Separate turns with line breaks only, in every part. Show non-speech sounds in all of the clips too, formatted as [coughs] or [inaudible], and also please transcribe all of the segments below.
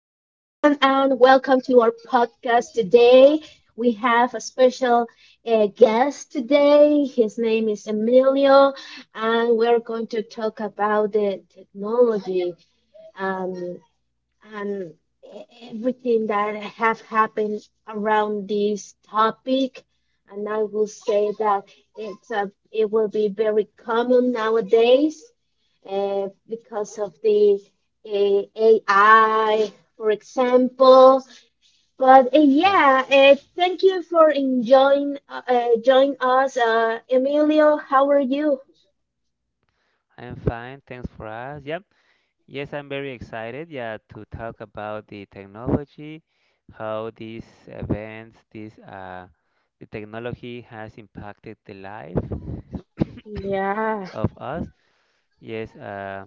and welcome to our podcast today. We have a special guest today. His name is Emilio, and we're going to talk about the technology. um, and everything that have happened around this topic. And I will say that it will be very common nowadays because of the AI, for example. But
Yeah,
yeah, thank you for enjoying join us, Emilio. How are you?
I'm fine. Thanks for us. Yep. Yes, I'm very excited. Yeah, to talk about the technology, how these events, this the technology has impacted the life [laughs]
Yeah.
of us. Yes.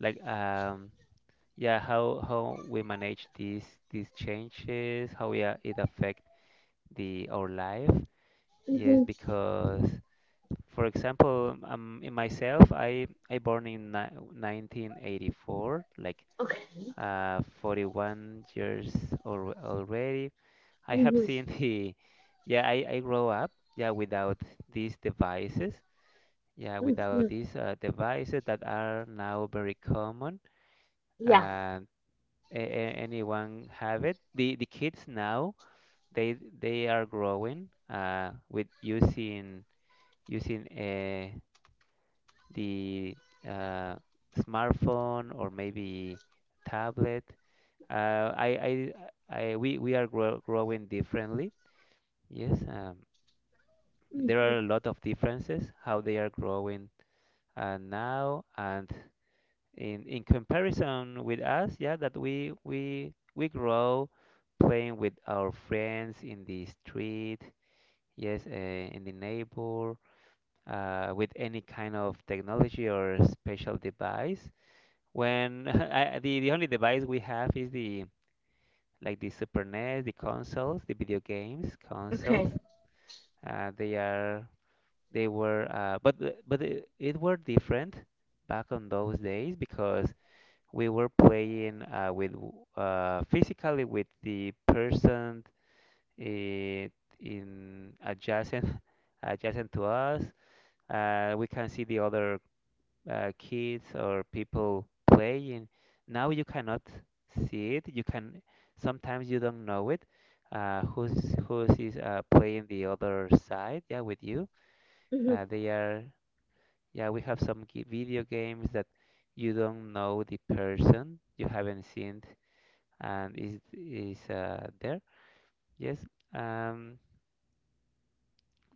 like um, yeah, how we manage these changes, how we are, it affect the our life. Yes,
Hmm.
because for example, in myself, I born in ni 1984, like
Okay.
41 years or already. I have
Hmm.
seen the, yeah, I grow up, yeah, without these devices, yeah, without
Hmm.
these devices that are now very common,
Yeah.
and anyone have it. The kids now, they are growing with using the uh, smartphone or maybe tablet. Uh, I, I, we are growing differently. Yes, um, there
Hmm.
are a lot of differences how they are growing now, and in comparison with us, yeah, that we grow playing with our friends in the street, yes, in the neighbor, with any kind of technology or special device. When [laughs] I, the only device we have is the like the Super NES, the consoles, the video games consoles.
Okay.
They are they were but it were different back on those days because we were playing physically with the person i- in adjacent [laughs] adjacent to us. We can see the other kids or people playing. Now you cannot see it. You can sometimes you don't know it. Who's is playing the other side? Yeah, with you.
Hmm.
They are. Yeah, we have video games that you don't know the person you haven't seen and is there. Yes. Um.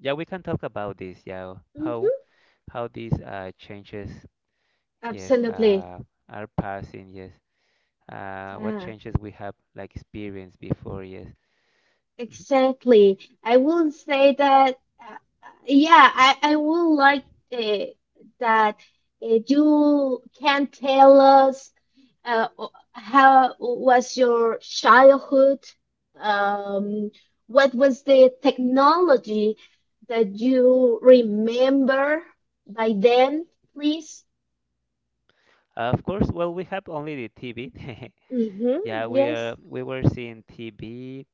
Yeah, we can talk about this. Yeah, how
Hmm.
how these changes. Yes.
Absolutely.
Are passing. Yes. What
Yeah,
changes we have like experienced before? Yes. Mhm.
exactly. I will say that, yeah, I will like uh, that you can tell us how was your childhood? Um, what was the technology that you remember by then, please?
Of course, well we have only the TV [laughs]
Mm-hmm.
yeah, we
Yes.
are we were seeing TV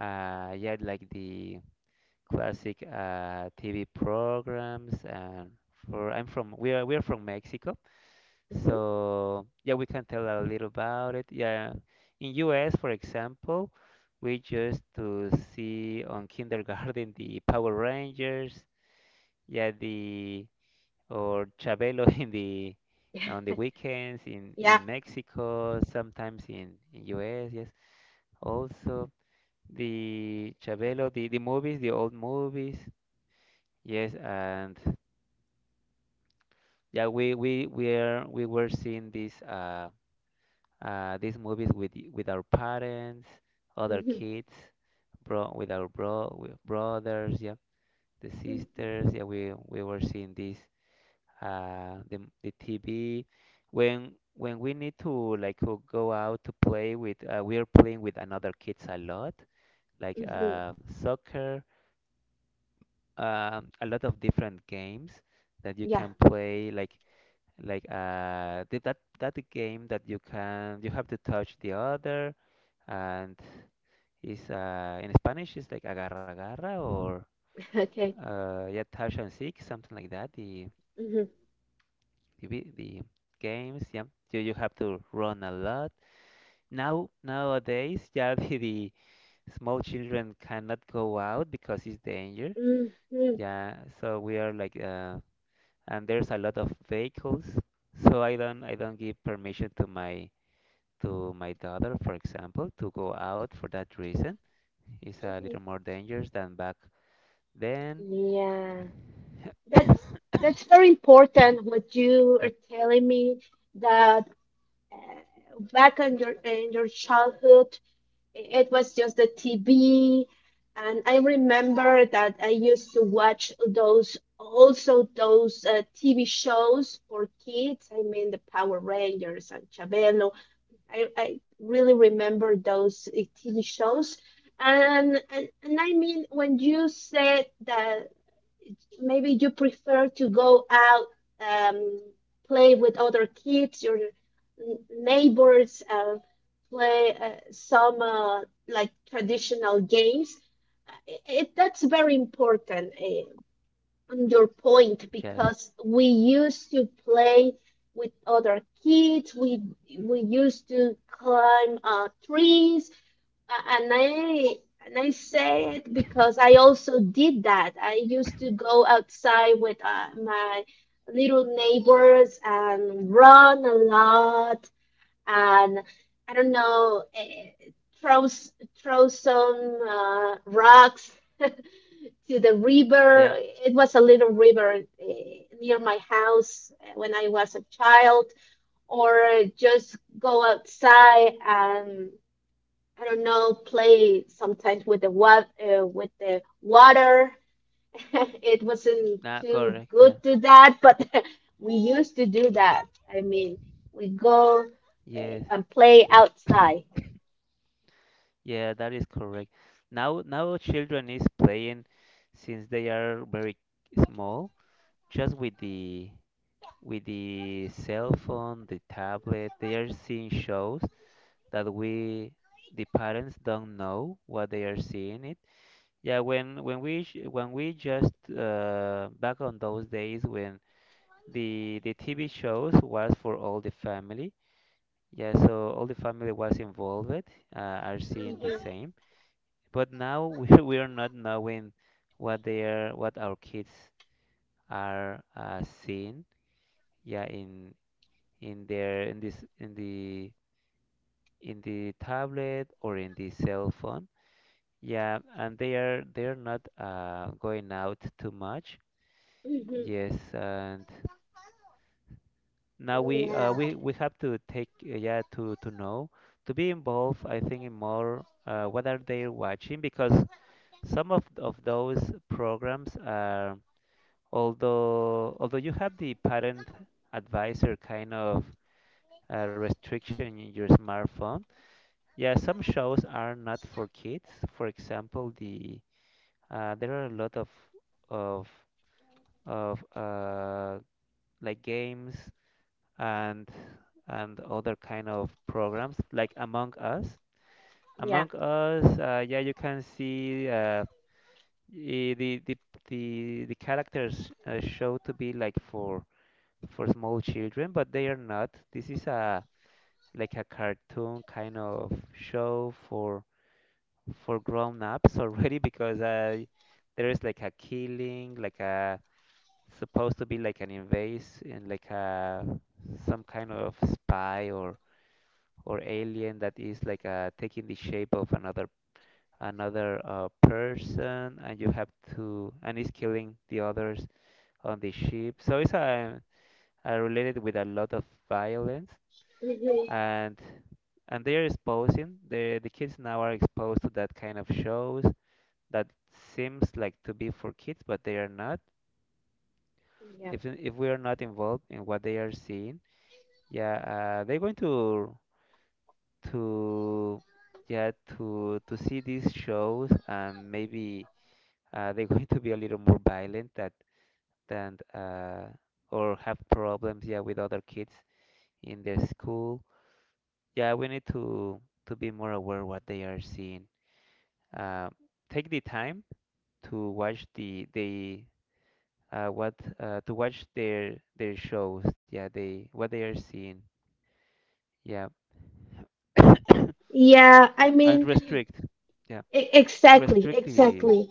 yeah, like the classic TV programs, and for I'm from we are from Mexico,
Hmm.
so yeah we can tell a little about it. Yeah, in US, for example, we just to see on kindergarten [laughs] the Power Rangers, yeah, the or Chabelo [laughs] in the
[laughs]
on the weekends, in
Yeah.
in Mexico, sometimes in US, yes. Also the Chabelo, the movies, the old movies, yes, and yeah, we are we were seeing these these movies with with our parents, other
Hmm.
kids, bro with our bro with brothers, yeah, the sisters, yeah, we were seeing these the TV. When we need to like go out to play with we are playing with another kids a lot, like
Mhm.
soccer, a lot of different games that you
Yeah.
can play, like that that game that you can you have to touch the other, and is in Spanish is like agarra agarra, or
[laughs] Okay.
yeah, touch and seek, something like that, the
Mhm.
the vid- the games. Yeah, you have to run a lot. Now nowadays, yeah, [laughs] the small children cannot go out because it's danger.
Mhm.
Yeah, so we are like, and there's a lot of vehicles. So I don't give permission to my daughter, for example, to go out for that reason. It's a
Mhm.
little more dangerous than back then.
Yeah. That's
[coughs]
that's very important what you
Yep.
are telling me, that back in your childhood it was just the TV, and I remember that I used to watch those, also those TV shows for kids. I mean the Power Rangers and Chabelo. I really remember those TV shows. And I mean, when you said that maybe you prefer to go out, um, play with other kids, your neighbors, play some like traditional games. That's very important on your point,
Yeah.
because we used to play with other kids. We used to climb trees, a- and I and I say it because I also did that. I used to
[coughs]
go outside with my little neighbors and run a lot, and I don't know, throw some rocks [laughs] to the river.
Yeah.
It was a little river near my house when I was a child, or just go outside and, I don't know, play sometimes with the with the water. [laughs] It wasn't
Nah,
too
correct. Yeah.
good to that, but [laughs] we used to do that. I mean, we go
Yes.
and play outside.
Yeah, that is correct. Now, now children is playing since they are very small, just with the cell phone, the tablet. They are seeing shows that we the parents don't know what they are seeing it. Yeah, when we just back on those days, when the TV shows was for all the family. Yeah, so all the family was involved, are seeing the
Mhm.
same. But now we, [laughs] we are not knowing what they are, what our kids are seeing. Yeah, in their in this in the tablet or in the cell phone. Yeah, and they are not going out too much.
Mhm.
Yes, and now we uh,
Yeah.
we we have to take yeah, to know, to be involved. I think in more what are they watching, because some of those programs are although you have the parent advisor kind of restriction in your smartphone, yeah, some shows are not for kids. For example, the there are a lot of of like games and and other kind of programs, like Among Us.
Yeah.
Among Us, yeah, you can see i- the the the characters show to be like for small children, but they are not. This is a like a cartoon kind of show for grown-ups [laughs] already, because I there is like a killing, like a supposed to be like an invase, and like a some kind of spy or alien that is like taking the shape of another another person, and you have to and is killing the others on the ship. So it's a, related with a lot of violence,
Mhm.
and and they are exposing the kids now are exposed to that kind of shows that seems like to be for kids, but they are not.
Yeah.
If if we are not involved in what they are seeing, yeah, they're going to yeah to see these shows, and maybe they're [laughs] going to be a little more violent that than or have problems, yeah, with other kids in their school. Yeah, we need to be more aware what they are seeing, uh, take the time to watch the they what to watch their shows. Yeah, they what they are seeing. Yeah, [coughs] and
Yeah, I mean,
restrict. Yeah,
exactly,
restrict
exactly.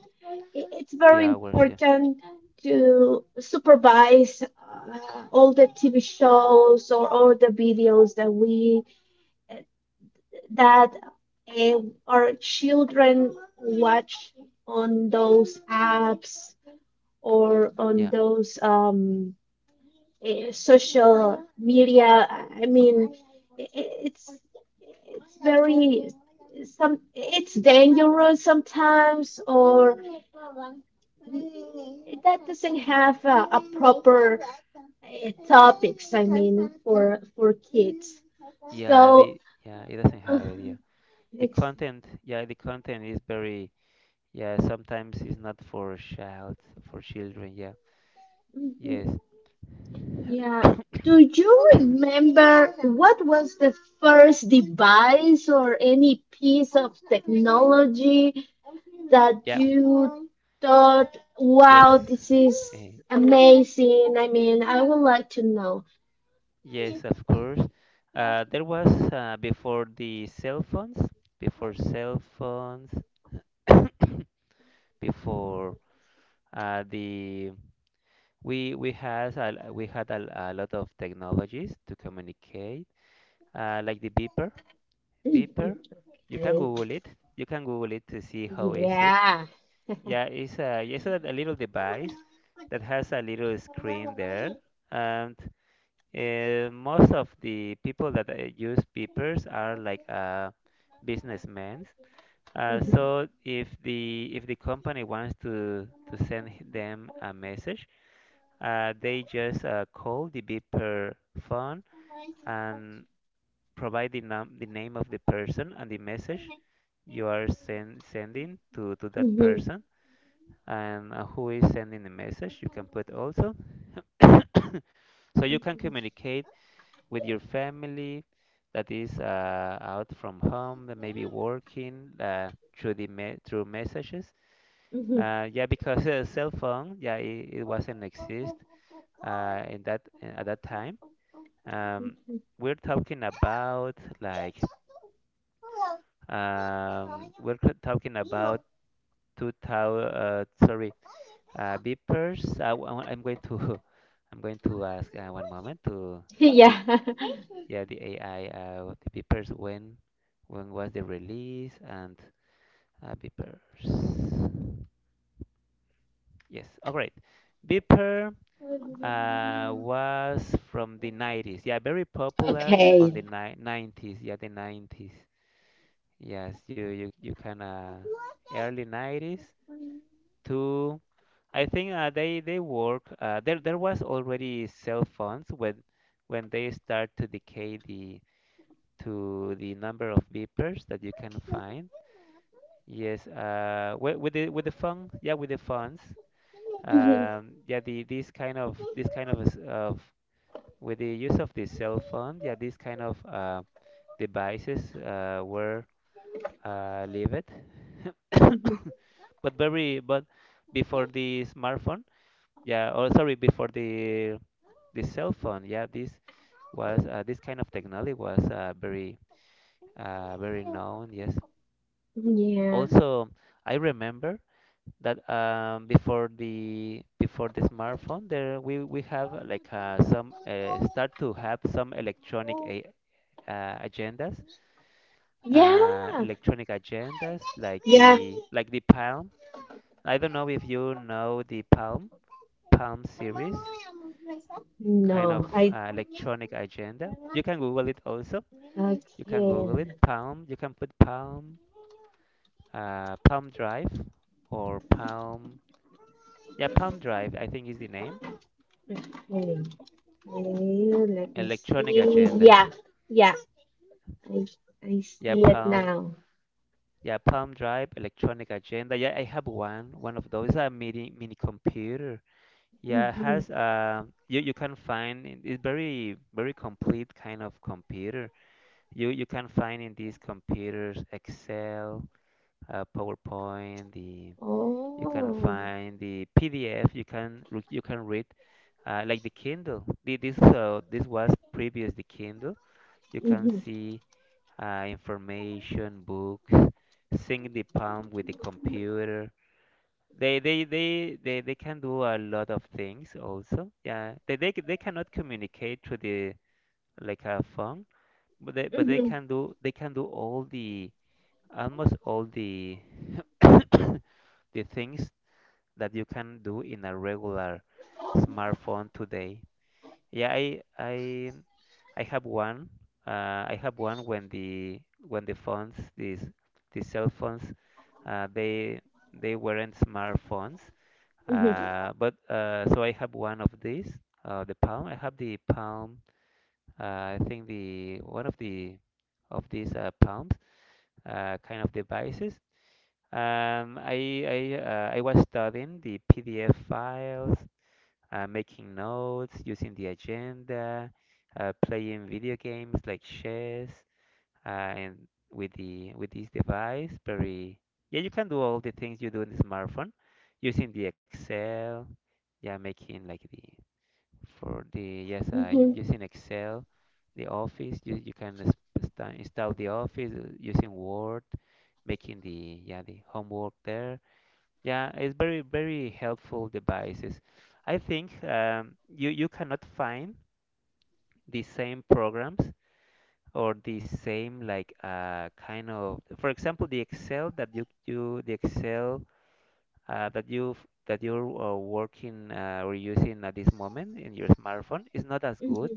It's
the
very
hours. Yeah,
important to supervise all the TV shows or all the videos that we, that uh, our children watch on those apps or on
yeah,
those social media. I mean, i- i- it's it's very it's dangerous sometimes, or that doesn't have a proper topics. I mean, for kids.
yeah.
So,
The yeah, it doesn't
uh,
have it. Yeah, the
ex-
content. Yeah, the content is very. Yeah, sometimes it's not for child for children. Yeah.
mm-hmm.
Yes.
Yeah. Do you
[coughs]
remember what was the first device or any piece of technology that
Yeah.
you thought,
Yes.
wow, this is
[laughs]
amazing? I mean, I would like to know.
Yes, of course. There was Before the cell phones, before cell phones, [coughs] before the we we had a, a lot of technologies to communicate, like the beeper. Beeper, you
[laughs]
can Google it. You can Google it to see how is it. Yeah, it's a, it's a little device that has a little screen there. Um, Most of the people that use beepers are like businessmen. So if the company wants to send them a message, they just call the beeper phone and provide the num the name of the person and the message you are sending to that
Mhm.
person, and who is sending the message. You can put also [coughs] so you can
Okay.
communicate with your family that is out from home, maybe working through the me through messages.
Yeah. [laughs] Mhm. Mhm. Mhm. Mhm.
Yeah, because [laughs] cell phone, yeah, it wasn't exist in that at that time. Um,
Mhm.
we're talking about like we're talking about 2000. Sorry, beepers. I am going to [laughs] I'm going to ask one moment to
[laughs]
the
Yeah.
yeah the AI of the papers when was the release, and beepers, yes, all right. Beeper was from the 90s, yeah, very popular on the
Okay.
90s, yeah, the 90s. Yes, you can early 90s to I think they work, there there was already cell phones, when they start to decay the to the number of beepers that you can find. Yes, with the fund, yeah, with the funds,
Mhm.
yeah, the this kind of with the use of the cell phone, yeah, these kind of devices were levied,
Mhm.
[coughs] but very but before the smartphone, yeah, or sorry, before the cell phone, yeah, this was this kind of technology was very known. Yes,
Yeah.
also I remember that before the smartphone, there we have some start to have some electronic agendas,
Yeah.
electronic agendas,
Yeah.
like the Palm. I don't know if you know the Palm, Palm series, kind of
No, I
electronic agenda. You can Google it also.
I
You can Google it
can.
Palm. You can put Palm, Palm Drive, or Palm. Yeah, Palm Drive, I think is the name.
Okay. Okay, let me see.
Electronic agenda.
Yeah. Yeah. I I
Yeah,
see it
Palm.
now.
Yeah, Palm Drive, electronic agenda. Yeah, I have one. One of those. It's a mini mini computer. Yeah, it
Hmm.
has you you can find it's very very complete kind of computer. You can find in these computers Excel, PowerPoint. The You can
Oh.
find the PDF. You can read like the Kindle. The, this This was previous the Kindle. You can
Mm-hmm.
see information books, sync the palm with the computer. They can do a lot of things also. Yeah, they cannot communicate through the, like a phone, but they
Mm-hmm.
can do, all the almost all the [coughs] the things that you can do in a regular smartphone today. Yeah, I have one. I have one when the, when the phones, these, the cell phones, uh, they they weren't smartphones.
Mm-hmm.
But so I have one of these, the Palm. I have the Palm. I think the one of the, of these Palms, kind of devices. I was studying the PDF files, making notes, using the agenda, playing video games like chess, uh, and with the, with this device, very, yeah, you can do all the things you do in the smartphone using the Excel, yeah, making like the, for the, yes,
Mm-hmm.
using Excel, the Office, you can install the Office, using Word, making the, yeah, the homework there, yeah, it's very, very helpful devices. I think, you cannot find the same programs or the same, like, kind of, for example, the Excel that you the Excel, that you're, working, or using at this moment in your smartphone is not as good.
Mm-hmm.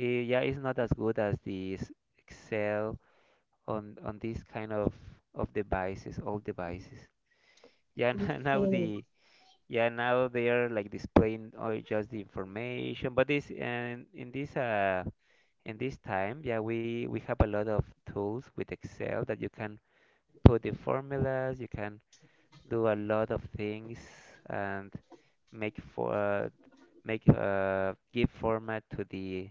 Yeah, it's not as good as Excel on these kind of devices, all devices. Yeah, [laughs] now
Okay.
the yeah, now they are like displaying all just the information, but this, and in this, in this time, yeah, we have a lot of tools with Excel that you can put the formulas, you can do a lot of things and make for uh, make, give format to the,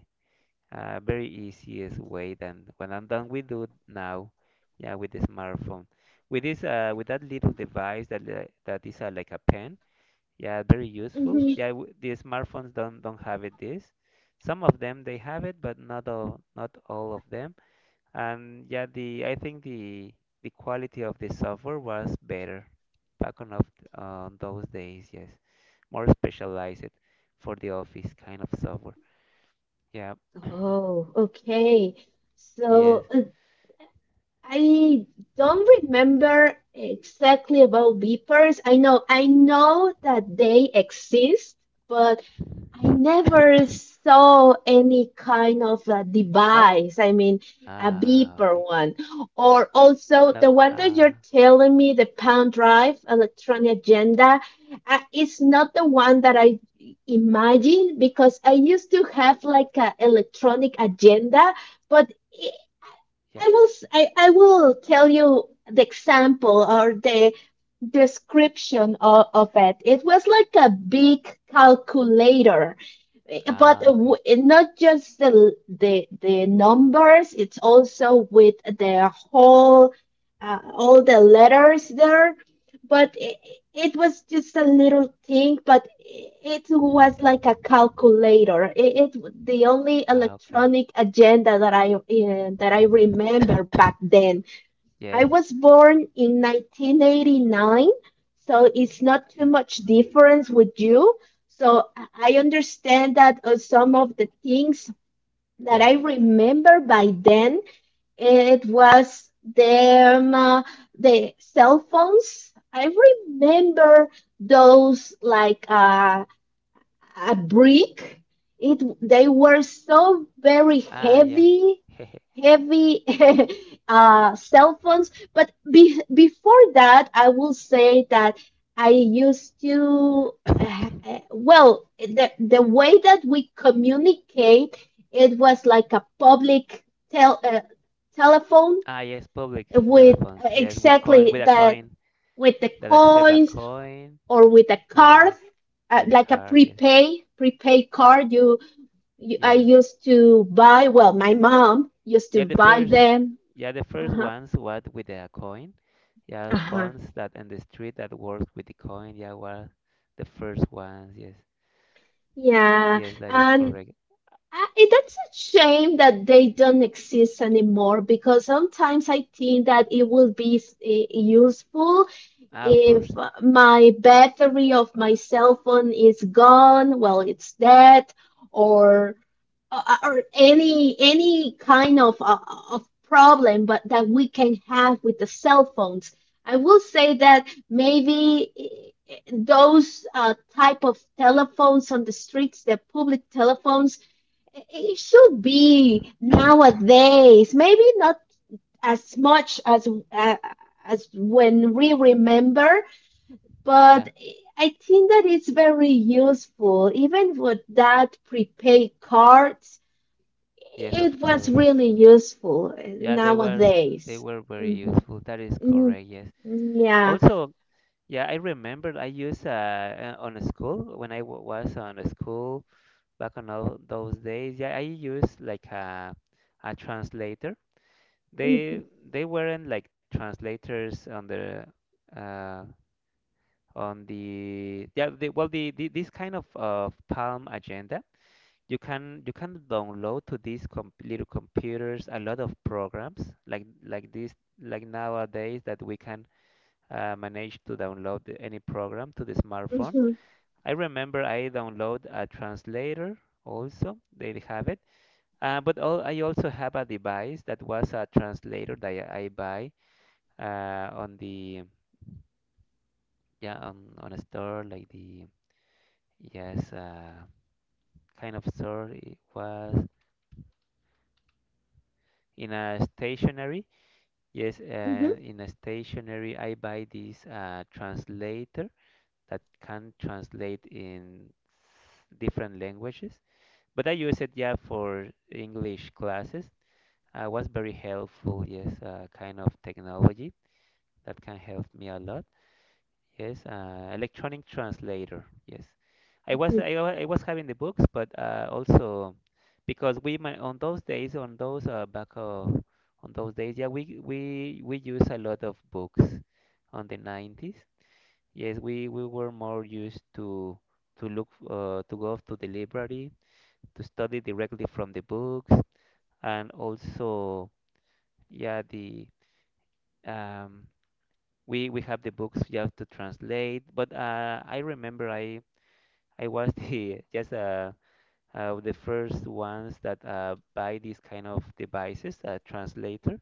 very easiest way than when I'm done we do now, yeah, with the smartphone. With that little device that, that is, like a pen, yeah, very useful.
Mm-hmm.
Yeah, the smartphones don't have it this. Some of them they have it, but not all of them. And yeah, the I think the quality of the software was better back on of on those days. Yes, more specialized for the office kind of software. Yeah. [coughs]
Oh, okay. So
Yes.
I don't remember exactly about beepers. I know that they exist, but I never
[coughs]
saw any kind of a
No.
device. I mean, a
Ah,
beeper
okay.
one. Or also
No.
the one that you're
Ah,
telling me, the pound drive electronic agenda, it's not the one that I imagine because I used to have like an electronic agenda, but
yeah.
I will tell you the example or the description of it. It was like a big calculator, but
Ah, okay.
not just the numbers. It's also with the whole all the letters there, but it was just a little thing, but it was like a calculator. It, the only
Ah, okay.
electronic agenda that I remember back then. I
Yes.
was born in 1989, so it's not too
Yeah.
much difference with you. So I understand that some of the things that
Yeah.
I remember by then, it was them, the cell phones. I remember those like a brick. It They were so very
Ah, yeah.
heavy,
[laughs]
heavy [laughs] cell phones. But before that, I will say that I used to
[coughs]
well, the way that we communicate, it was like a public telephone
Ah, yes, public
with,
telephones. Yes, with a
exactly, that
coin
with the
that accept a
coins
coin.
or with a
Yeah,
card,
with a
like a
card. Yes.
prepay card. I
Yeah.
used to buy. Well, my mom used to
Yeah, the
buy
first.
them.
Yeah, the
Uh
first
huh.
ones what with a coin. Yeah,
Uh huh.
phones that in the street that work with the coin. Yeah, were the first ones. Yes.
Yeah,
Yes, that is
and
correct.
that's a shame that they don't exist anymore, because sometimes I think that it will be useful
Ah, of
if
course.
my battery of my cell phone is gone, well, it's dead, or any kind of problem but that we can have with the cell phones. I will say that maybe those type of telephones on the streets, the public telephones, it should be
[coughs]
nowadays, maybe not as much as when we remember,
Yeah.
but I think that it's very useful, even with that prepaid cards.
Yes,
It
of
was
course.
really
Yeah.
useful
Yeah, they
nowadays.
were very
Hmm.
useful. That is
Hmm.
correct. Yes.
Yeah.
Also, yeah, I remember I used, on a school when I w was on a school back on all those days. Yeah, I used like a translator.
Hmm.
They they weren't like translators on the, uh on the, yeah, the, well the this kind of Palm agenda. You can download to these com little computers a lot of programs like this, like nowadays, that we can, manage to download any program to the smartphone.
Hmm.
I remember I download a translator also. They have it. But all, I also have a device that was a translator that I buy, on the, yeah, on a store like the, yes, kind of store, it was in a stationery. Yes,
Hmm.
and in a stationery I buy this, translator that can translate in different languages. But I use it, yeah, for English classes, was very helpful. Yes, kind of technology that can help me a lot. Yes, electronic translator. Yes, I was having the books, but also, because on those days, on those days, yeah, we use a lot of books on the 90s. Yes, we were more used to go to the library to study directly from the books, and also, yeah, the Um, we have the books just to translate, but I remember I was the [laughs] just, the first ones that, buy these kind of devices, a translator.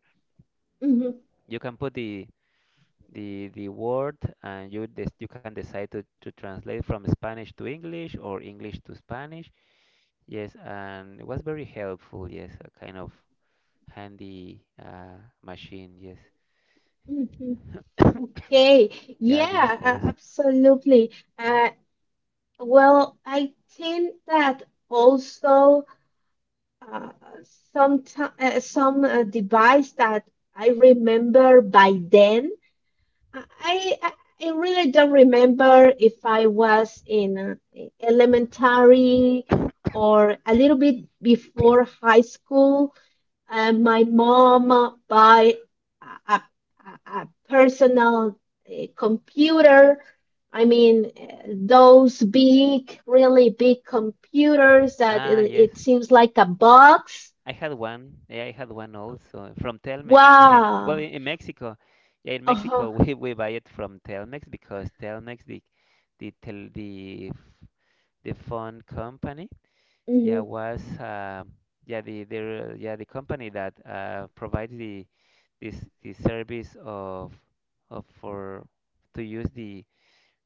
Hmm.
You can put the word and you can decide to translate from Spanish to English or English to Spanish. Yes, and it was very helpful. Yes, a kind of handy, machine. Yes,
Hmm. Okay.
yeah, this
Yeah,
also.
absolutely.
Mhm.
Uh, well, I think that also uh, some some device that I remember by then. I, I I really don't remember if I was in elementary or a little bit before high school. My mom buy a, a, a personal computer. I mean, those big, really big computers that it,
Ah, yes.
it seems like a box.
I had one. Yeah, I had one also from Telmex. [laughs] Well,
Wow.
in Mexico, yeah, in
Uh-huh.
Mexico [laughs] we buy it from Telmex because Telmex, the tel, the f- the phone company, yeah,
Hmm.
was, yeah, the company that, provides the, this the service of, for to use the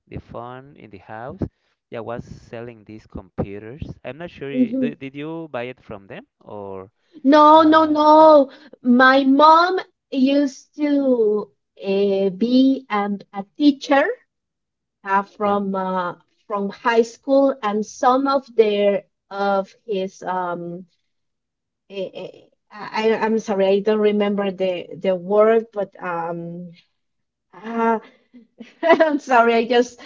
the phone in the house. Yeah, was selling these computers. I'm not sure. Did you buy it from them, or?
No, no,
No?
no. My mom used to be a teacher uh,
Yep.
from uh, from high school, and some of their of his eh, eh, am sorry, I don't remember the word, but uh, [laughs] I'm sorry, I just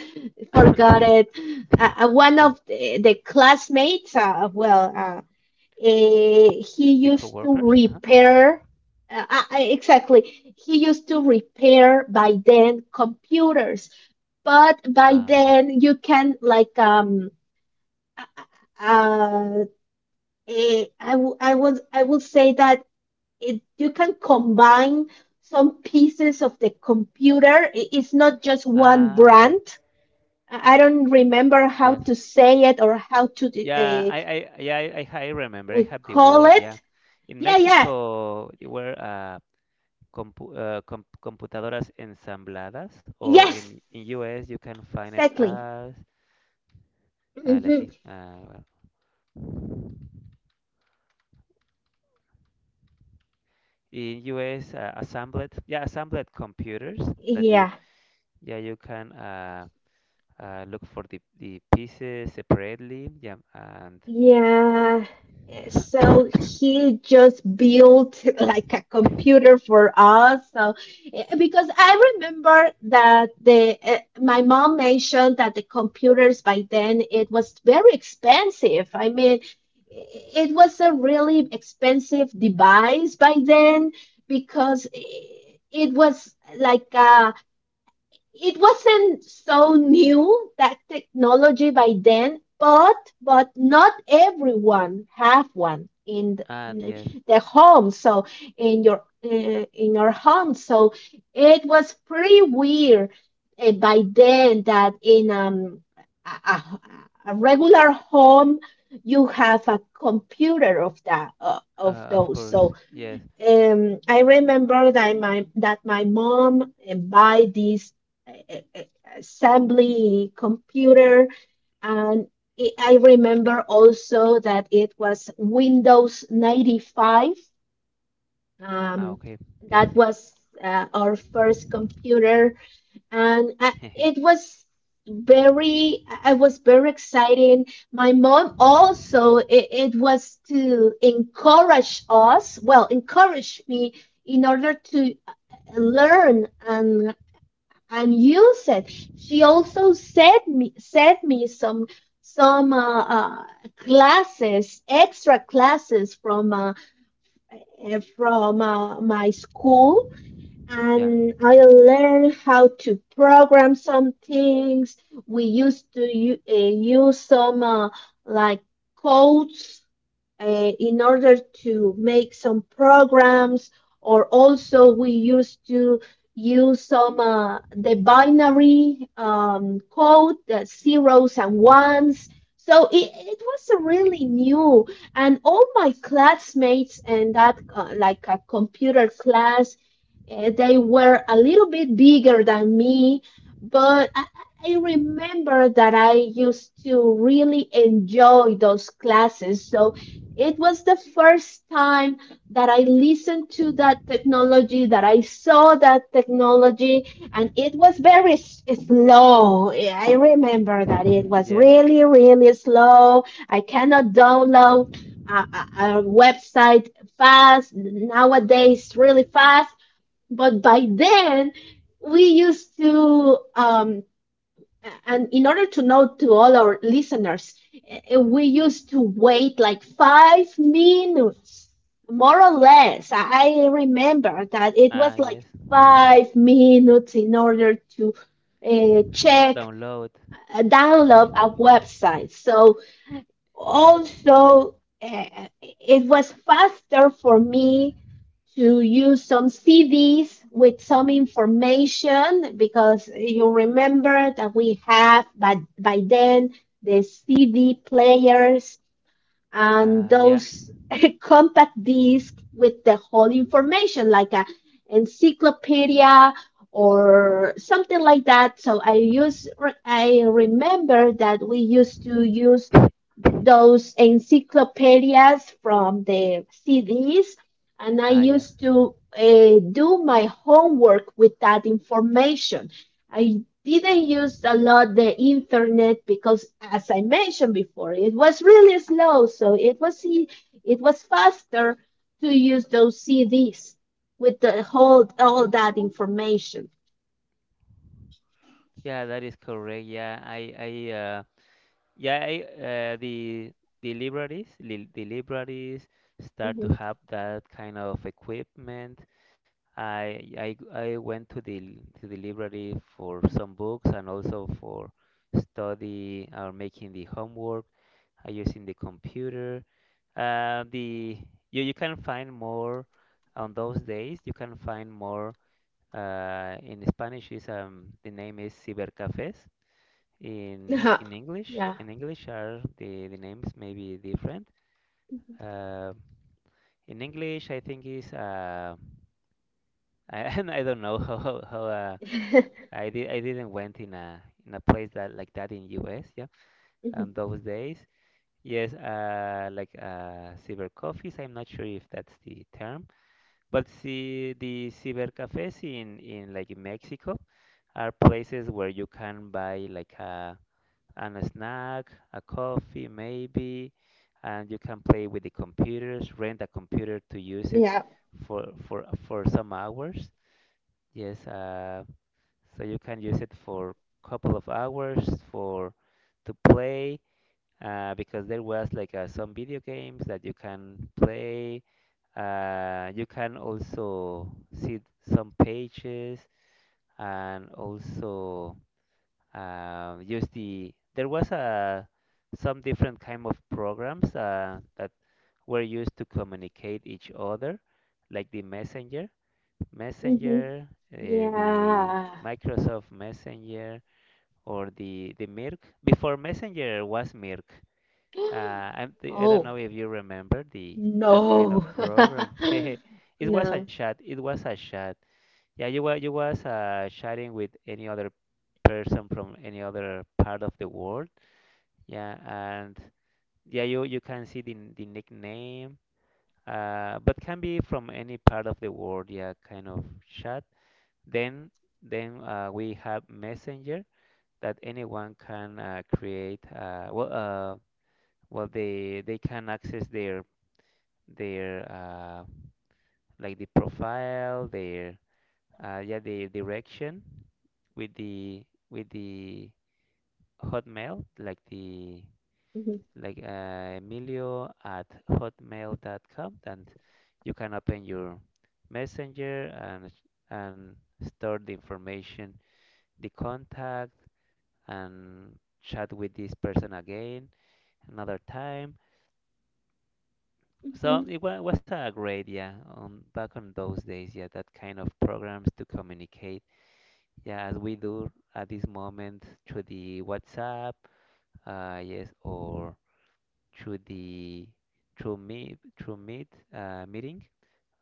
forgot it.
[coughs]
One
Yeah,
of the classmates, Eh, he
the
used to
coworkers. Uh-huh.
repair, exactly, he used to repair by then computers, but by
Ah,
then you can like uh, uh, I would say that you can combine some pieces of the computer. It's not just one
yeah,
brand. I don't remember how
yes,
to say it or how to
yeah.
uh,
Yeah, I remember. I
we
have the
call
word. Yeah,
it.
in
Yeah, yeah,
Mexico, they were, computadoras ensambladas, or
yes,
in US you can find it
exactly.
as, let's
Hmm.
see, well, in US, assembled, yeah, assembled computers that you,
Yeah.
yeah, you can, look for the pieces separately. Yeah, and
Yeah. So he just built like a
[coughs]
computer for us. So because I remember that the uh, my mom mentioned that the computers by then, it was very expensive. I mean, i- it was a really expensive device by then, because it was like a it wasn't so new, that technology by then, but not everyone have one in
and,
the,
yes,
the home, so in your home, so it was pretty weird by then, that in a, a, a regular home you have a computer of that of
of
those,
course,
so
yes.
I remember that my mom buy this uh, uh, uh, assembly computer, and I remember also that it was Windows 95.
Ah,
Um,
okay, yes.
that was our first computer. And I, it
[laughs]
was very i was very exciting. My mom also, it was to encourage us well encourage me in order to learn and use it. She also sent me some classes, extra classes from my school,
Yeah,
and I learned how to program some things. We used to use some like codes in order to make some programs, or also we used to use some the binary code, the zeros and ones. So it was a really new, and all my classmates and that like a computer class, they were a little bit bigger than me, but I remember that I used to really enjoy those classes. So it was the first time that I listened to that technology, that I saw that technology, and it was very slow. I remember that it
[laughs]
was
yeah.
really, really slow. I cannot download a website fast nowadays, really fast. But by then, we used to and in order to know to all our listeners, we used to wait like 5 minutes, more or less. I remember that it
Ah,
was
yes.
like 5 minutes in order to check,
Download.
download a website. So also uh, it was faster for me to use some CDs with some information, because you remember that we had, but by then, the CD players and
Ah, yeah.
those [laughs] compact discs with the whole information, like a encyclopedia or something like that. So I remember that we used to use
[coughs]
those encyclopedias from the CDs, and I
Ah, yeah.
used to do my homework with that information. I didn't use a lot the internet because, as I mentioned before, it was really slow, so it was faster to use those CDs with the whole all that information.
Yeah, that is correct. Yeah, I, yeah, I, The libraries, li the libraries start to
Mhm.
have that kind of equipment. I I I went to the library for some books and also for study or making the homework. I using the computer. The You can find more on those days. You can find more, in Spanish is, the name is cibercafés.
[laughs]
In
Yeah.
in English,
Yeah.
in English are the names, may be different. Uh, in English, I think is, I [laughs] I don't know how.
Mhm.
I didn't went in a, place that, like that, in US, yeah. And
[laughs]
those days, yes, like, cyber coffees. I'm not sure if that's the term, but see the cyber cafes in like in Mexico are places where you can buy like a snack, a coffee maybe, and you can play with the computers, rent a computer to use it
Yeah.
for some hours. Yes, so you can use it for couple of hours, for to play, because there was like, some video games that you can play. You can also see some pages, and also, use the, there was a, some different kind of programs, that were used to communicate each other, like the messenger
Mm-hmm.
messenger the
Yeah.
Microsoft Messenger, or the Mirk. Before Messenger was Mirk. Uh,
[gasps]
I, I don't know
Oh,
if you remember the that kind of
no.
program.
[laughs]
[laughs] Hehe. It was a
No.
chat. It was a chat. Yeah, you was, chatting with any other person from any other part of the world. Yeah, and yeah, you can see the nickname. But can be from any part of the world. Yeah, kind of chat. Then then we have Messenger that anyone can, create, they can access their, like the profile, their, yeah, their direction with the, with the hotmail, like the,
Mm-hmm.
like, emilio at hotmail.com, and you can open your messenger, and store the information, the contact, and chat with this person again another time. So
Mm-hmm.
was a great, yeah, back on those days, yeah, that kind of programs to communicate, yeah, as we do at this moment through the WhatsApp, yes, or through the, through meet, meeting.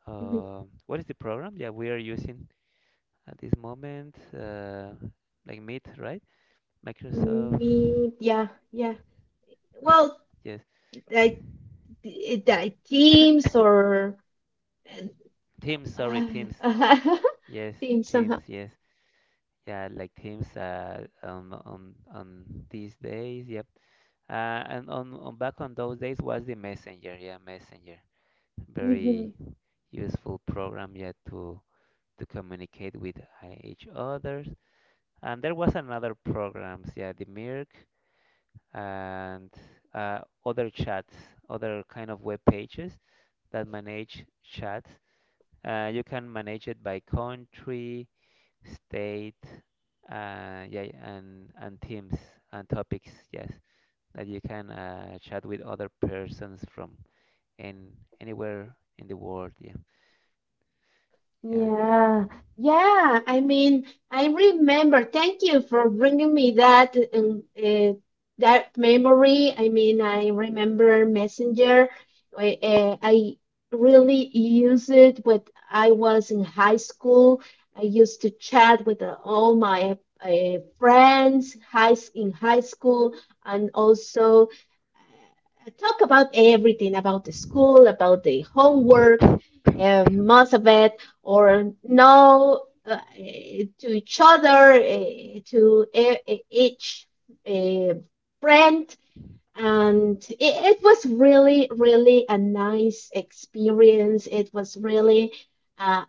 What is the program? Yeah, we are using at this moment, like Meet, right?
Mm-hmm.
Microsoft
Me, yeah, yeah.
Meet,
Well,
yes.
like, d- like teams or
Teams, sorry, Teams,
uh,
yes,
[laughs] teams,
Teams,
uh-huh.
yes. Yeah, like themes, on these days. Yep. And on back on those days was the Messenger. Yeah, Messenger. Very
Mm-hmm.
useful program. Yeah, to communicate with, each others. And there was another programs. Yeah, the Mirk, and, uh, other chats, other kind of web pages that manage chats. You can manage it by country state, yeah, and themes and topics. Yes, that you can chat with other persons from in anywhere in the world. Yeah, yeah,
Yeah, yeah. I mean, I remember. Thank you for bringing me that that memory. I mean, I remember Messenger. I really use it when I was in high school. I used to chat with all my in high school and also talk about everything about the school, about the homework, most of it, or no to each other, each uh, friend, and it was really, really a nice experience. It was really uh,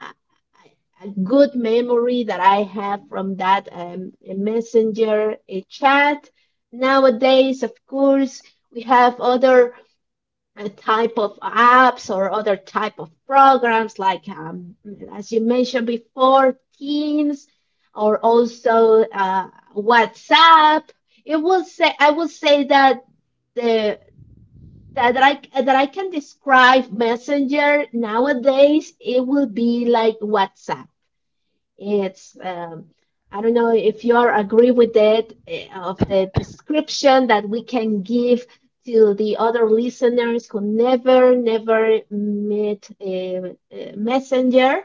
a good memory that I have from that messenger chat. Nowadays, of course, we have other type of apps or other type of programs like, as you mentioned before, Teams or also WhatsApp. It will say I will say that the that that I can describe Messenger nowadays, it will be like WhatsApp. It's I don't know if you are agree with that of the description that we can give to the other listeners who never met a Messenger.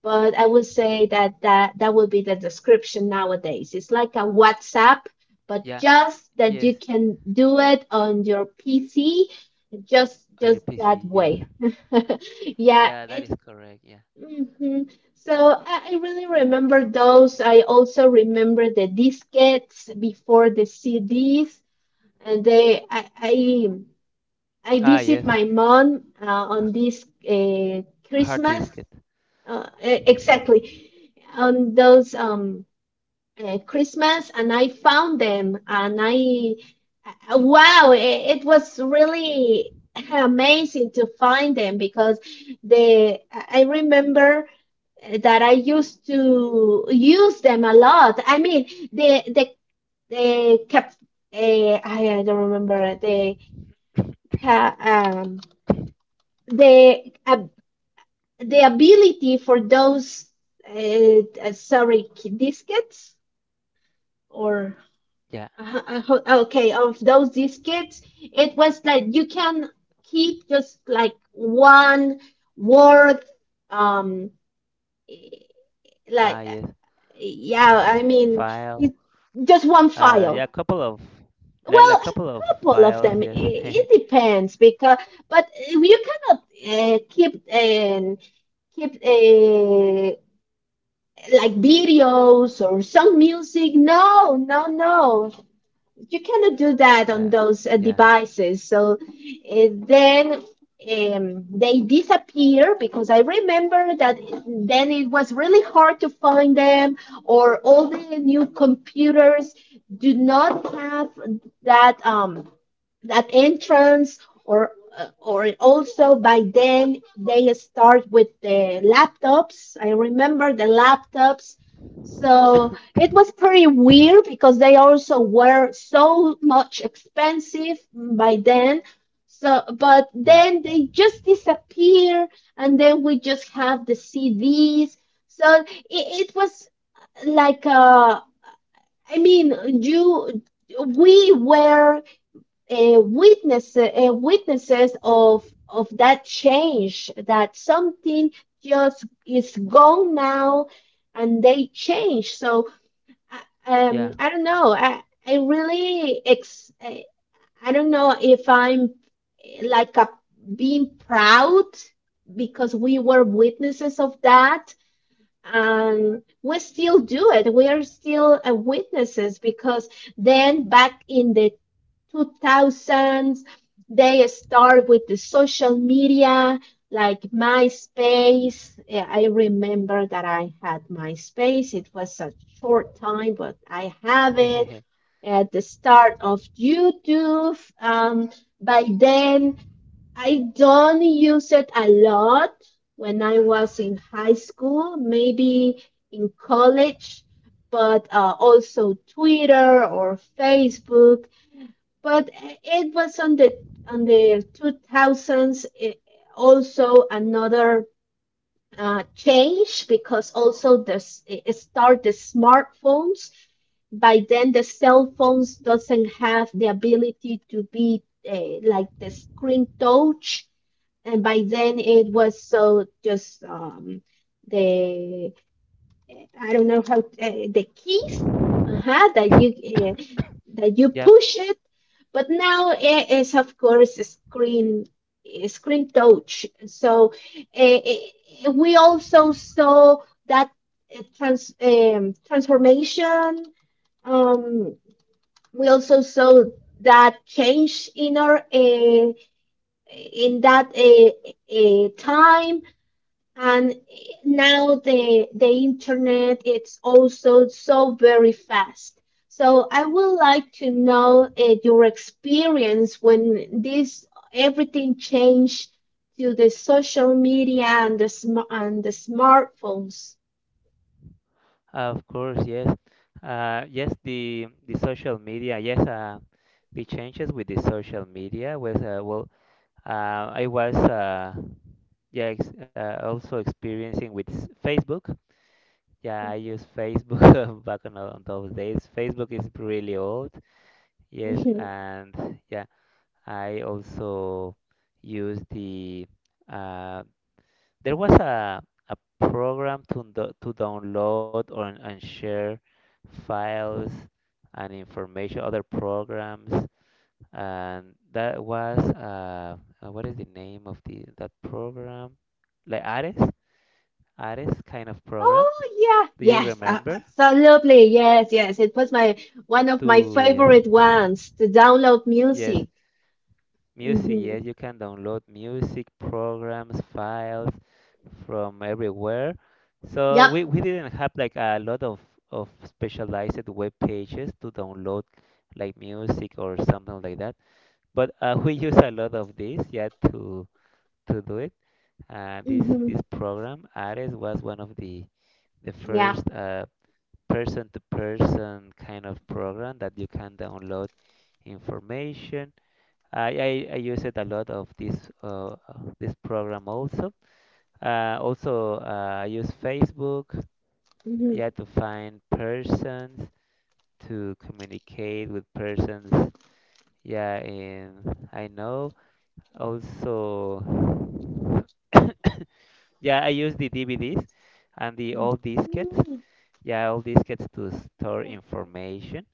But I would say that would be the description nowadays. It's like a WhatsApp, but
yeah.
just that
Yes,
you can do it on your PC, just
on your
just
PC.
that
Yes,
way. [laughs] Yeah,
yeah, that is
it.
correct. Yeah.
Mhm. So I really remember those. I also remember the diskettes before the CDs, and I
Ah,
visit
yes,
my mom
h-
on this
hard
Christmas,
disk. It.
exactly on those Christmas, and I found them, and I wow, it was really amazing to find them because they I remember that I used to use them a lot. I mean the cap I don't remember the ca- um the uh, the ability for those sorry, diskettes or
Yeah.
uh, uh, okay of those diskettes. It was like you can keep just like one word, um eh,
Ah,
like uh,
yes,
yeah i mean
file.
it, just one
Yeah,
file.
a couple of like a
Well,
couple of
a couple of
files.
them. it,
Yes. [laughs]
it depends, because but you cannot uh, keep and keep like videos or some music. No, no, no, you cannot do that on
Yeah.
those
Yeah.
devices. So then they disappear, because I remember that then it was really hard to find them, or all the new computers do not have that that entrance, or also by then they start with the laptops. I remember the laptops. So
[coughs]
it was pretty weird because they also were so much expensive by then. So, but
Yeah.
then they just disappear, and then we just have the CDs. So it was like I mean, you we were witnesses of that change, that something just is gone now and they change. So I,
Yeah.
I don't know. I don't know if I'm like a being proud because we were witnesses of that, and we still do it. We are still witnesses because then back in the 2000s. They start with the social media like MySpace. Yeah, I remember that I had MySpace. It was a short time, but I have
[laughs]
it
Yeah.
at the start of YouTube. By then, I don't use it a lot when I was in high school, maybe in college, but also Twitter or Facebook, but it was on the 2000s, also another change, because also this it start the smartphones. By then the cell phones doesn't have the ability to be like the screen touch, and by then it was so just the uh, I don't know how the keys,
[coughs]
uh-huh, that you
Yeah,
push it, but now it is of course a screen, a screen touch. So we also saw that transformation. Um, we also saw that change in our in that time, and now the internet it's also so very fast. So I would like to know your experience when this everything changed to the social media and and the smartphones.
of course, yes. Yes, the social media, yes, the changes with the social media was well, I was yeah ex also experiencing with Facebook. Yeah, I use Facebook [laughs] back on those days. Facebook is really old. Yes,
Mhm.
and yeah, I also use the uh, there was a program to to download or, and share files and information, other programs, and that was what is the name of the that program? Like Ares, Ares kind of program.
Oh yeah,
Do you
yes,
remember?
absolutely, yes, yes. It was my one of my
To yes,
favorite ones to download
yes.
music.
Music,
Mm-hmm.
yes, you can download music programs, files from everywhere. So
Yep.
we didn't have like a lot of specialized web pages to download like music or something like that. But we use a lot of this, yeah, to do it. Uh, this
Mm-hmm.
this program, Ares, was one of the
Yeah.
first person-to-person kind of program that you can download information. I use it a lot of this, uh, uh, this program also. Also, I use Facebook,
Mm-hmm.
yeah, to find persons, to communicate with persons, yeah, and I know. Also, [coughs] yeah, I use the DVDs and the old diskettes, yeah, old diskettes to store information.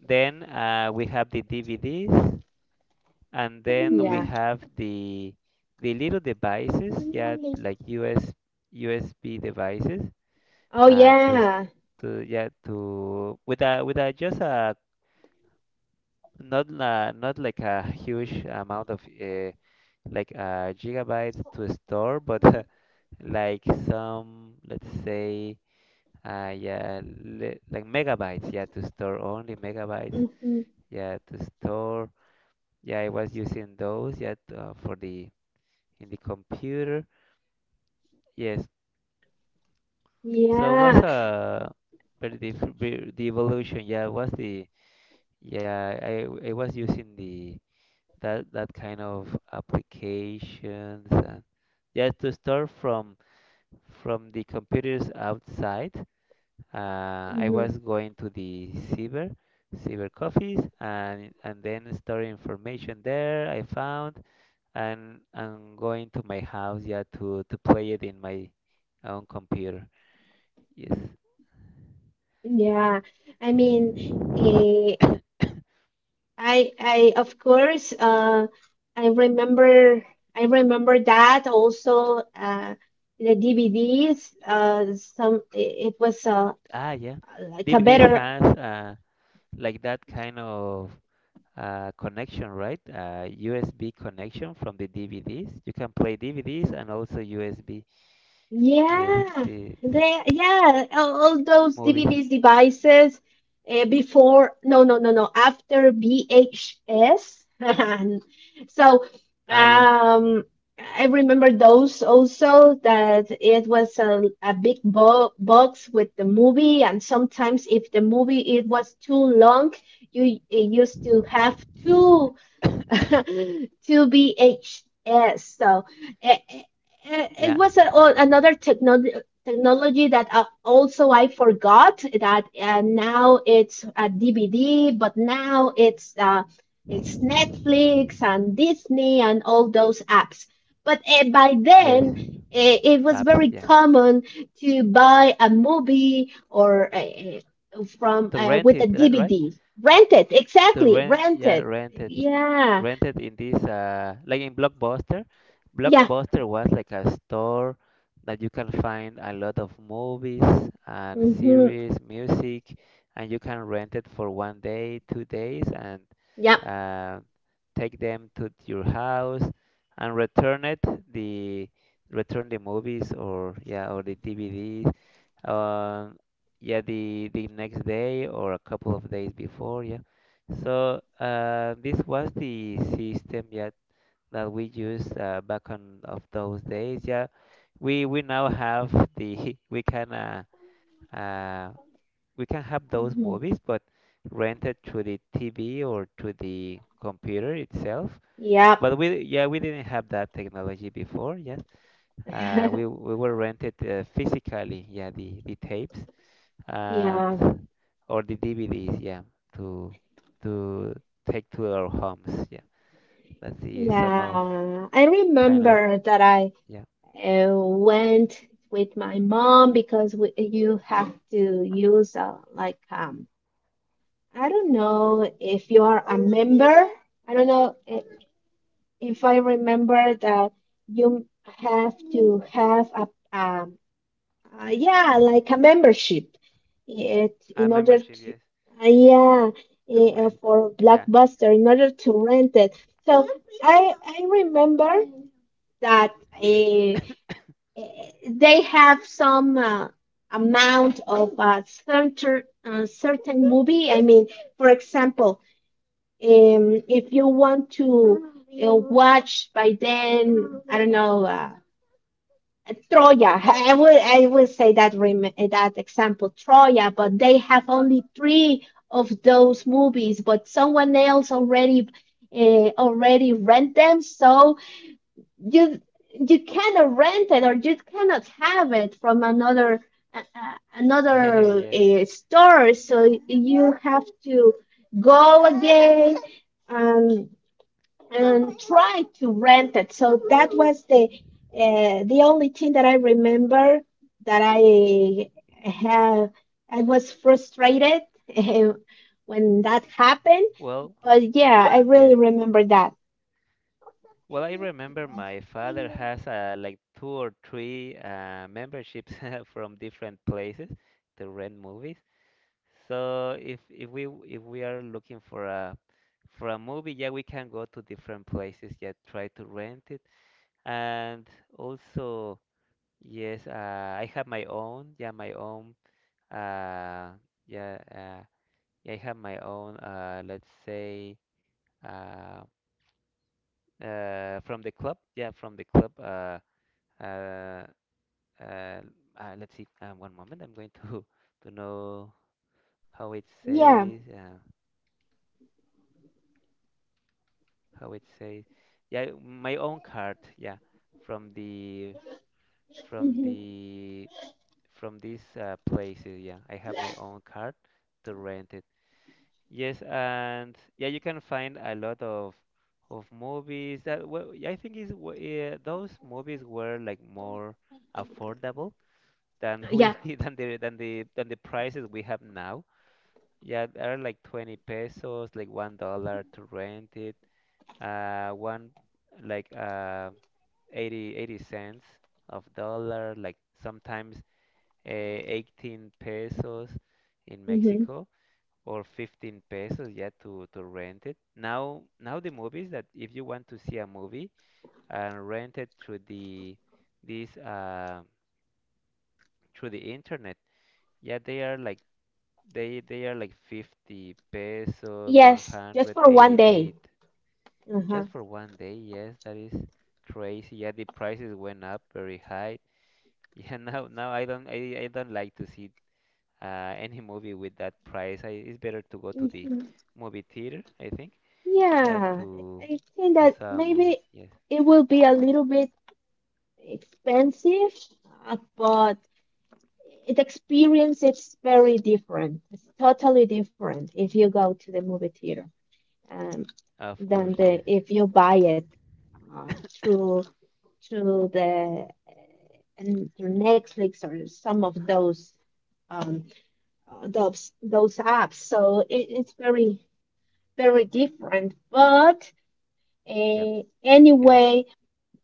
Then we have the DVDs. And then we
Yeah.
have the little devices, yeah, like US USB devices,
Oh,
to
yeah.
to yeah to with a just a not like a huge amount of gigabytes to store, but [laughs] like some let's say yeah like megabytes, yeah, to store only megabytes,
Hmm.
yeah, to store. Yeah, I was using those, yeah, for the in the computer. Yes. So it was
Yeah.
a the evolution. Yeah, it was the yeah I was using the that kind of applications and yeah to store from the computers outside. I
Hmm.
was going to the cyber coffees and then store information there. I found and going to my house yeah to play it in my own computer. Yes.
Yeah. I mean,
[coughs]
eh, I, of course, I remember, I remember that also, the DVDs, some, it was,
Ah, yeah.
like a
Maybe this
better.
has like that kind of connection, right? USB connection from the DVDs. You can play DVDs and also USB. Yes,
Yeah,
the this
yeah, all those
movies.
DVD devices before, no, no, no, no, after VHS. [laughs] And so
Ah, yeah,
um, I remember those also, that it was a big bo box with the movie, and sometimes if the movie it was too long, you, you used to have two. [laughs] To bhs. So it, it
yeah,
was a, oh, another technology, that also I forgot that now it's a DVD, but now it's Netflix and Disney and all those apps. But by
yes,
then it was
apps.
very
Yeah,
common to buy a movie or from
to rent
with a
it, right? Right?
DVD, rent it
To
exactly,
rent,
rent
yeah,
it.
rent it.
Yeah,
Rented in this like in Blockbuster.
yeah.
Blockbuster was like a store that you can find a lot of movies and
Hmm.
series, music, and you can rent it for 1 day, 2 days, and
Yep.
uh, take them to your house and return it the return the movies or yeah or the DVDs, um yeah, the next day or a couple of days before. Yeah, so this was the system, yeah, that we used back on of those days. Yeah, we now have the [laughs] uh, we can have those
Hmm.
movies, but rented to the TV or to the computer itself.
Yep.
But we yeah we didn't have that technology before. Yeah,
[laughs]
we were rented physically. Yeah, the tapes
Yeah.
and or the DVDs, yeah, to to take to our homes. Yeah, that's the some of
Yeah. I
kind of
remember that I
yeah
went with my mom because you have to use like I don't know if you are a member. I don't know I- If I remember that you have to have a um yeah, like a membership. It
a
in order
membership,
to
yes,
yeah
to
eh,
rent.
for
Yeah,
Blockbuster in order to rent it. So I remember that they have some amount of a certain movie. I mean, for example, if you want to watch, by then, I don't know, Troya. I will say that that example Troya, but they have only three of those movies, but someone else already already rent them, so you you cannot rent it, or you cannot have it from another another
[laughs] yes.
store, so you have to go again. Um, and try to rent it. So that was the only thing that I remember that I have. I was frustrated [laughs] uh, when that happened,
Well,
but yeah, I really
yes.
remember that.
Well, I remember my father has like two or three memberships [laughs] from different places to rent movies. So if we are looking for a movie, yeah, we can go to different places, yeah, try to rent it. And also, yes, I have my own, yeah, my own, uh, yeah, uh, yeah, I have my own, let's say, uh, from the club, yeah, from the club. Uh, uh, let's see, one moment, I'm going to [laughs] to know how it
Yeah,
says, uh, how it says, yeah, my own card, yeah, from the from
hmm,
the from these places. Yeah, I have my own card to rent it. Yes, and yeah, you can find a lot of movies that well, yeah, I think is yeah, those movies were like more affordable than
yeah,
we [laughs] than the than the than the prices we have now. Yeah, they are like 20 pesos, like $1 to rent it. One like 80 80 cents of dollar. Like sometimes eh, 18 pesos in
hmm,
Mexico or 15 pesos, yeah, to rent it. Now, now the movies that if you want to see a movie and rent it through the this through the internet, yeah, they are like 50 pesos,
yes, just for one
180, 80
day.
eighty
Uh-huh.
just for 1 day. Yes, that is crazy. Yeah, the prices went up very high. [laughs] Yeah, now now I don't I don't like to see any movie with that price. I, it's better to go to the
Hmm.
movie theater, I think. Yeah,
Yeah, I think
to
that
saw a movie.
maybe
Yes,
it will be a little bit expensive, but It experience is very different. It's totally different if you go to the movie theater um,
of
than
course.
the
Yes.
if you buy it uh, through through the and through Netflix or some of um, those apps. So it's very very different. But
Yep. Yes.
anyway,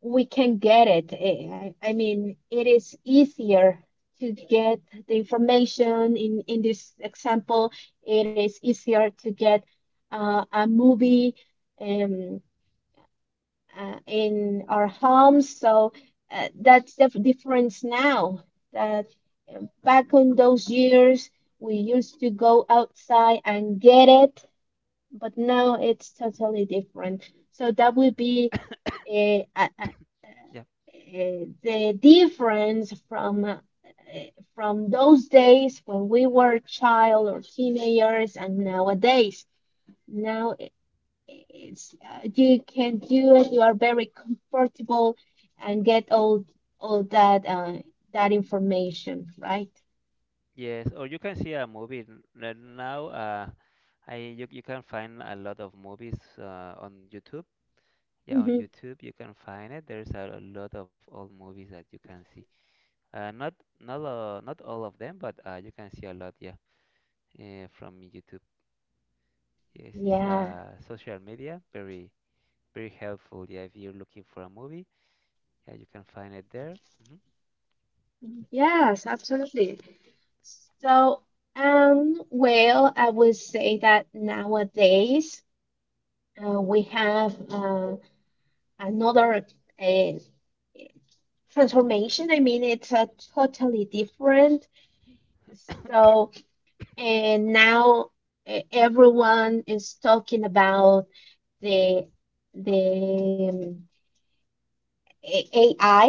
we can get it. I mean, it is easier to get the information. In this example, it is easier to get a movie um, in our homes. So that's the difference now. That back on those years, we used to go outside and get it, but now it's totally different. So that would be a
Yep.
the difference from from those days when we were child or teenagers, and nowadays. Now it's you can do it. You are very comfortable and get all that that information, right?
Yes. Or you can see a movie now. I you you can find a lot of movies on YouTube. Yeah, on
Hmm.
YouTube you can find it. There's a lot of old movies that you can see. Uh, not not all of them, but you can see a lot. Yeah, from YouTube. Yes, it's
Yeah.
social media, very very helpful. Yeah, if you're looking for a movie, yeah, you can find it there. Hmm.
Yes, absolutely. So, well, I would say that nowadays we have. Another uh, transformation. I mean, it's a totally different. So, and now everyone is talking about the the um, AI.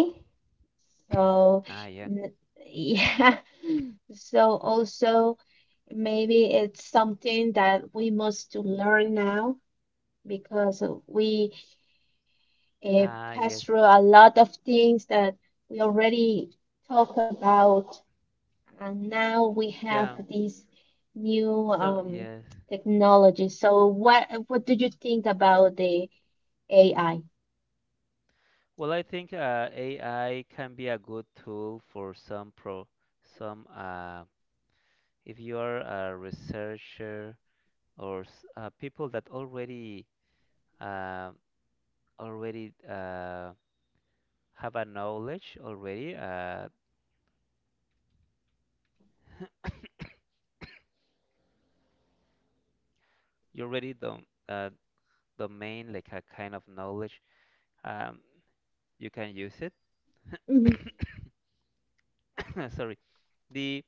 So,
Ah, yeah.
n- yeah. [laughs] So also maybe it's something that we must to learn now because we It
Ah, yes.
passed through a lot of things that we already talked about, and now we
Yeah.
have these new
So, yes.
technologies. So, what do you think about the AI?
Well, I think AI can be a good tool for some some uh, if you are a researcher or people that already uh, already uh, have a knowledge already. You already domain like a kind of knowledge. Um, you can use it.
Hmm.
[coughs] [coughs] Sorry. The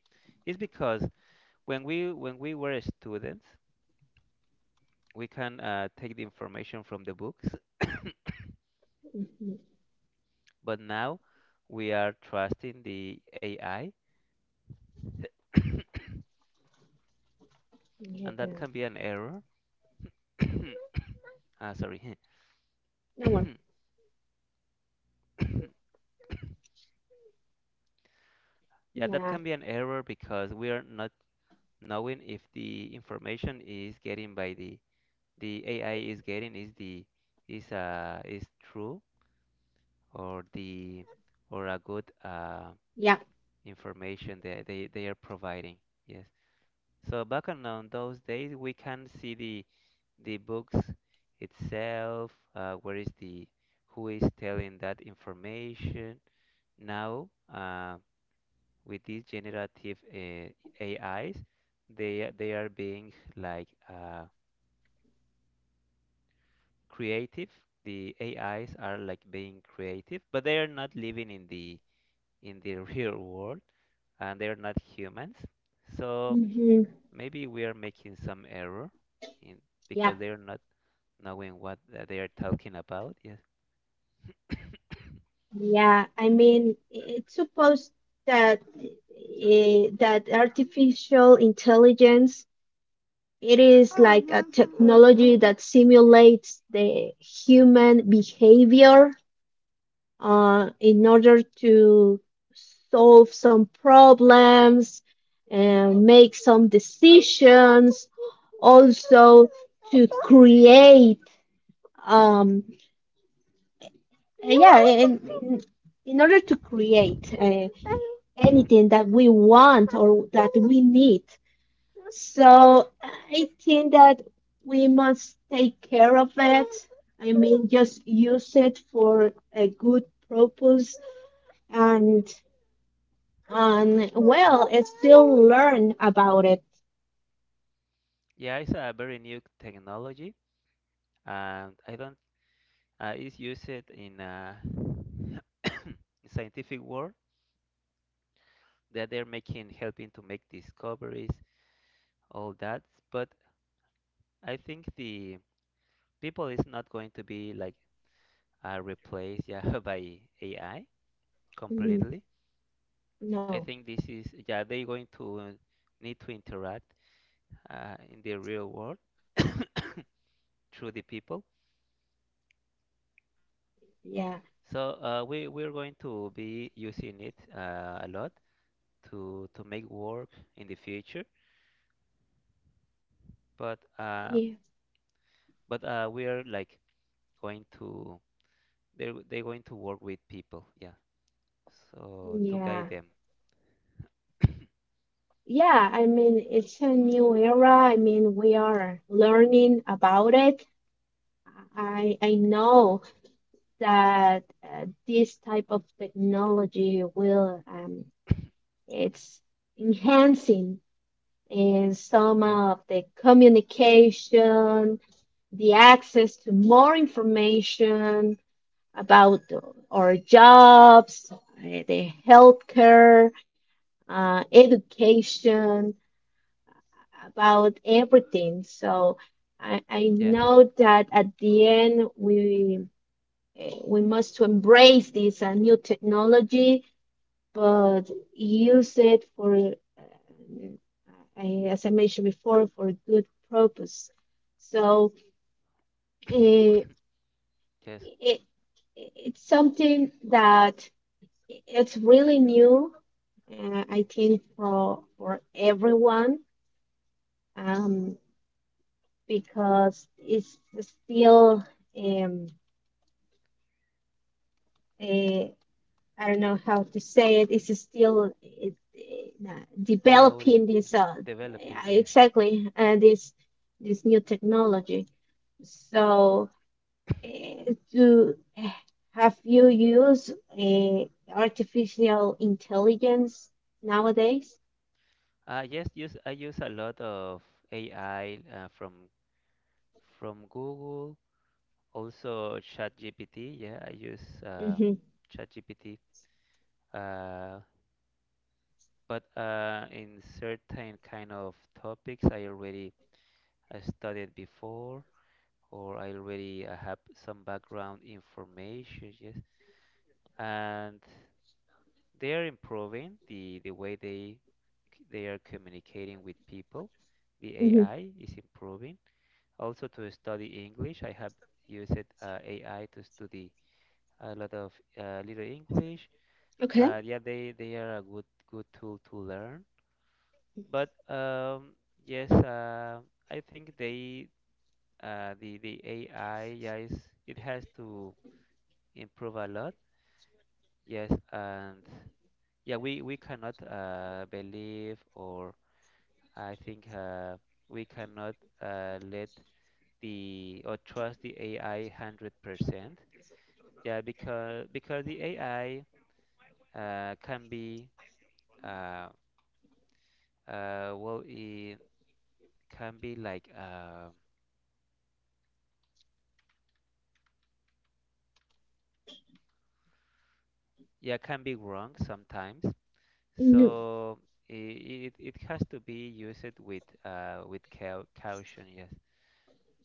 it's because when we were students, we can take the information from the books, [coughs] but now we are trusting the AI, and
Yeah,
that can be an error. [coughs] Ah, sorry.
no worry.
[coughs] Yeah, that can
Yeah,
be an error because we are not knowing if the information is getting by the AI is getting is the is true or the or a good
yeah,
information that they are providing. Yes. So back on those days, we can see the books itself. Where is the who is telling that information? Now, with these generative AIs, they are being like creative. The AIs are like being creative, but they are not living in the [laughs] real world, and they are not humans. So
hmm,
maybe we are making some error in
yeah,
because they are not knowing what they are talking about. Yes. [coughs]
yeah. I mean, it's supposed that that artificial intelligence It is like a technology that simulates the human behavior in order to solve some problems and make some decisions, also to create. Um, yeah, and in order to create anything that we want or that we need. So I think that we must take care of it. I mean, just use it for a good purpose, and and
Yeah.
well, I still learn about it.
Yeah, it's a very new technology, and I don't. It's used in a scientific world that they're making, helping to make discoveries, all that. But I think the people is not going to be like replaced, yeah, [laughs] by AI
Mhm.
completely. I
No,
think this is, yeah, they're going to need to interact in the real world [coughs] through the people.
yeah,
So we're going to be using it a lot to make work in the future. But um,
yeah,
but we are like going to they're going to work with people, yeah. So to guide
yeah,
them,
yeah. I mean, it's a new era. I mean, we are learning about it. I know that this type of technology will It's enhancing in some
yeah,
of the communication, the access to more information about our jobs, the healthcare, education, about everything. So I
yes,
know that at the end we must to embrace this new technology, but use it for, as I mentioned before, for a good purpose. So eh,
yes,
it, it's something that it's really new, I think, for everyone, um, because it's still um, uh, I don't know how to say it. It's still
growing,
developing
yeah.
this
Developing,
yeah,
yes.
exactly this this new technology. So, do have you used artificial intelligence nowadays?
Yes, use I use a lot of AI from Google. Also ChatGPT, yeah, I use
Mm-hmm.
ChatGPT. Uh, but in certain kind of topics, I already studied before, or I already have some background information. Yes, and they are improving the way they they are communicating with people. The
Mm-hmm.
AI is improving. Also, to study English, I have used AI to study a lot of little English.
Okay.
Yeah, they are a good good tool to learn. But yes, I think they the AI yeah is it has to improve a lot. Yes, and yeah, we cannot believe or I think we cannot let the or trust the AI 100%. Yeah, because the AI can be uh, well. I can be like yeah can be wrong sometimes
Mm-hmm.
so it, it has to be used with caution, yes,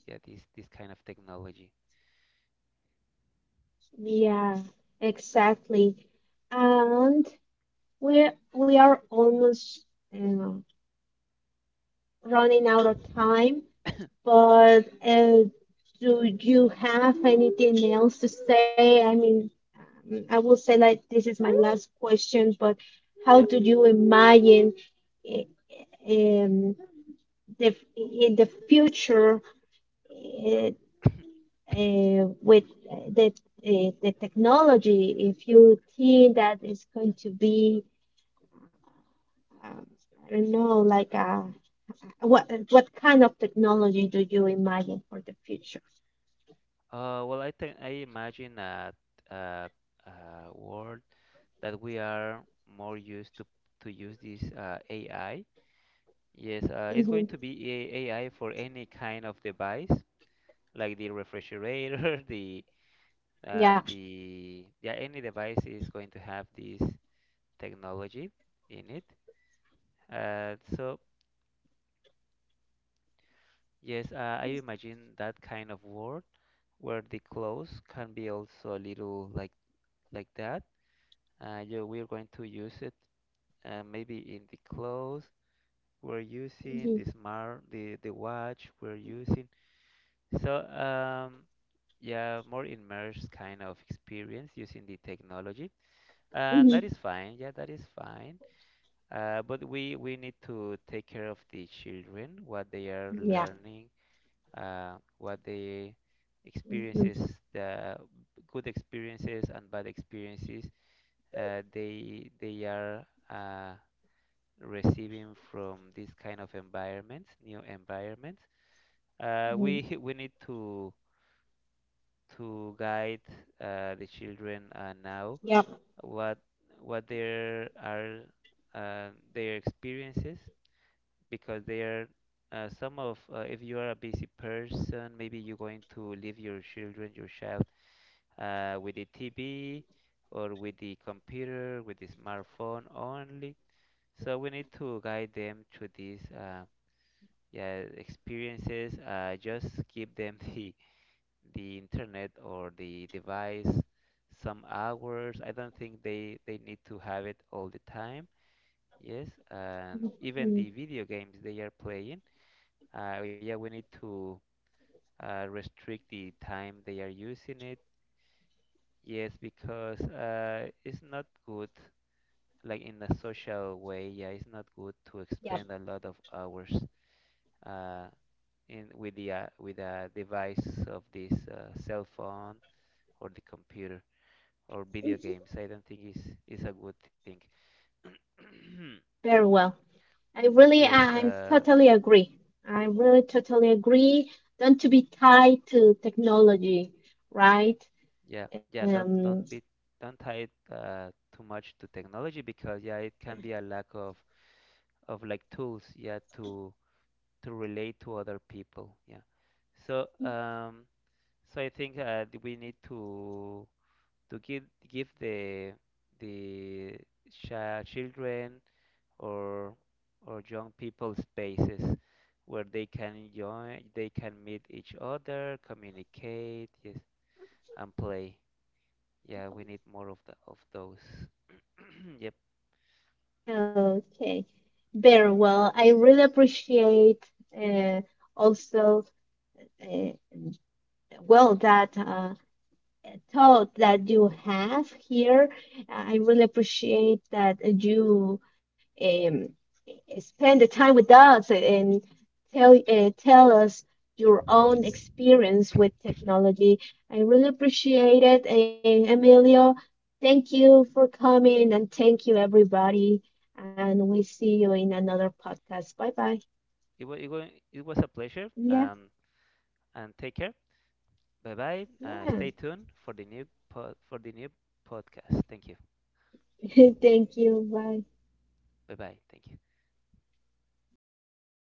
yeah, this kind of technology,
Yeah, exactly. And we are almost uh, running out of time. But do you have anything else to say? I mean, I will say like this is my last question, but how
yeah.
do you imagine eh, um, the in the future uh,
[coughs]
with uh, the the technology? If you think that it's going to be, um, I don't know, like what kind of technology do you imagine for the future?
Uh, well, I think I imagine a, a world that we are more used to use this AI, yes, it's going
Hmm.
to be AI for any kind of device like the refrigerator [laughs] the and the yeah any device is going to have this technology in it, so yes, I imagine that kind of world where the clothes can be also a little like that, yeah, we're going to use it, maybe in the clothes we're using
Hmm.
the smart the watch we're using. so um yeah more immersed kind of experience using the technology, and that
Hmm.
is fine, yeah, that is fine. But we need to take care of the children, what they are
Yeah.
learning, uh, what they
Hmm.
experiences, the good experiences and bad experiences they are uh, receiving from this kind of environments, new environments.
Hmm.
We [laughs] we need to guide the children now
Yep.
what what there are uh, their experiences because there some of if you are a busy person maybe you're going to leave your children your child with the TV or with the computer with the smartphone only, so we need to guide them to these yeah experiences, just give them [laughs] the internet or the device some hours. I don't think they need to have it all the time. Yes, and
Hmm.
even the video games they are playing, yeah, we need to restrict the time they are using it. Yes, because it's not good, like in a social way. Yeah, it's not good to
Yep.
expend a lot of hours uh, in with the with a device of this cell phone or the computer or video
Hmm.
games. I don't think is a good thing. [clears throat]
Very well. I really,
Yes,
I'm totally agree. I really totally agree. Don't to be tied to technology, right?
yeah, yeah.
Um,
Don't be don't tie it too much to technology because yeah, it can be a lack of like tools, yeah, to relate to other people, yeah. So so I think we need to give give the children or or young people spaces where they can join, they can meet each other, communicate, yes, and play. Yeah, we need more of the of those. [clears throat] Yep.
okay. Very well. I really appreciate uh, also uh, well that. Thought that you have here. I really appreciate that you um, spend the time with us and tell us your own experience with technology. I really appreciate it, Emilio. Thank you for coming, and thank you everybody. And we see you in another podcast. Bye bye.
It was it was a pleasure.
Yeah,
And take care. Bye bye.
yeah.
Stay tuned for the new pod, for the new podcast. Thank you.
[laughs] Thank you. Bye.
Bye bye. Thank you.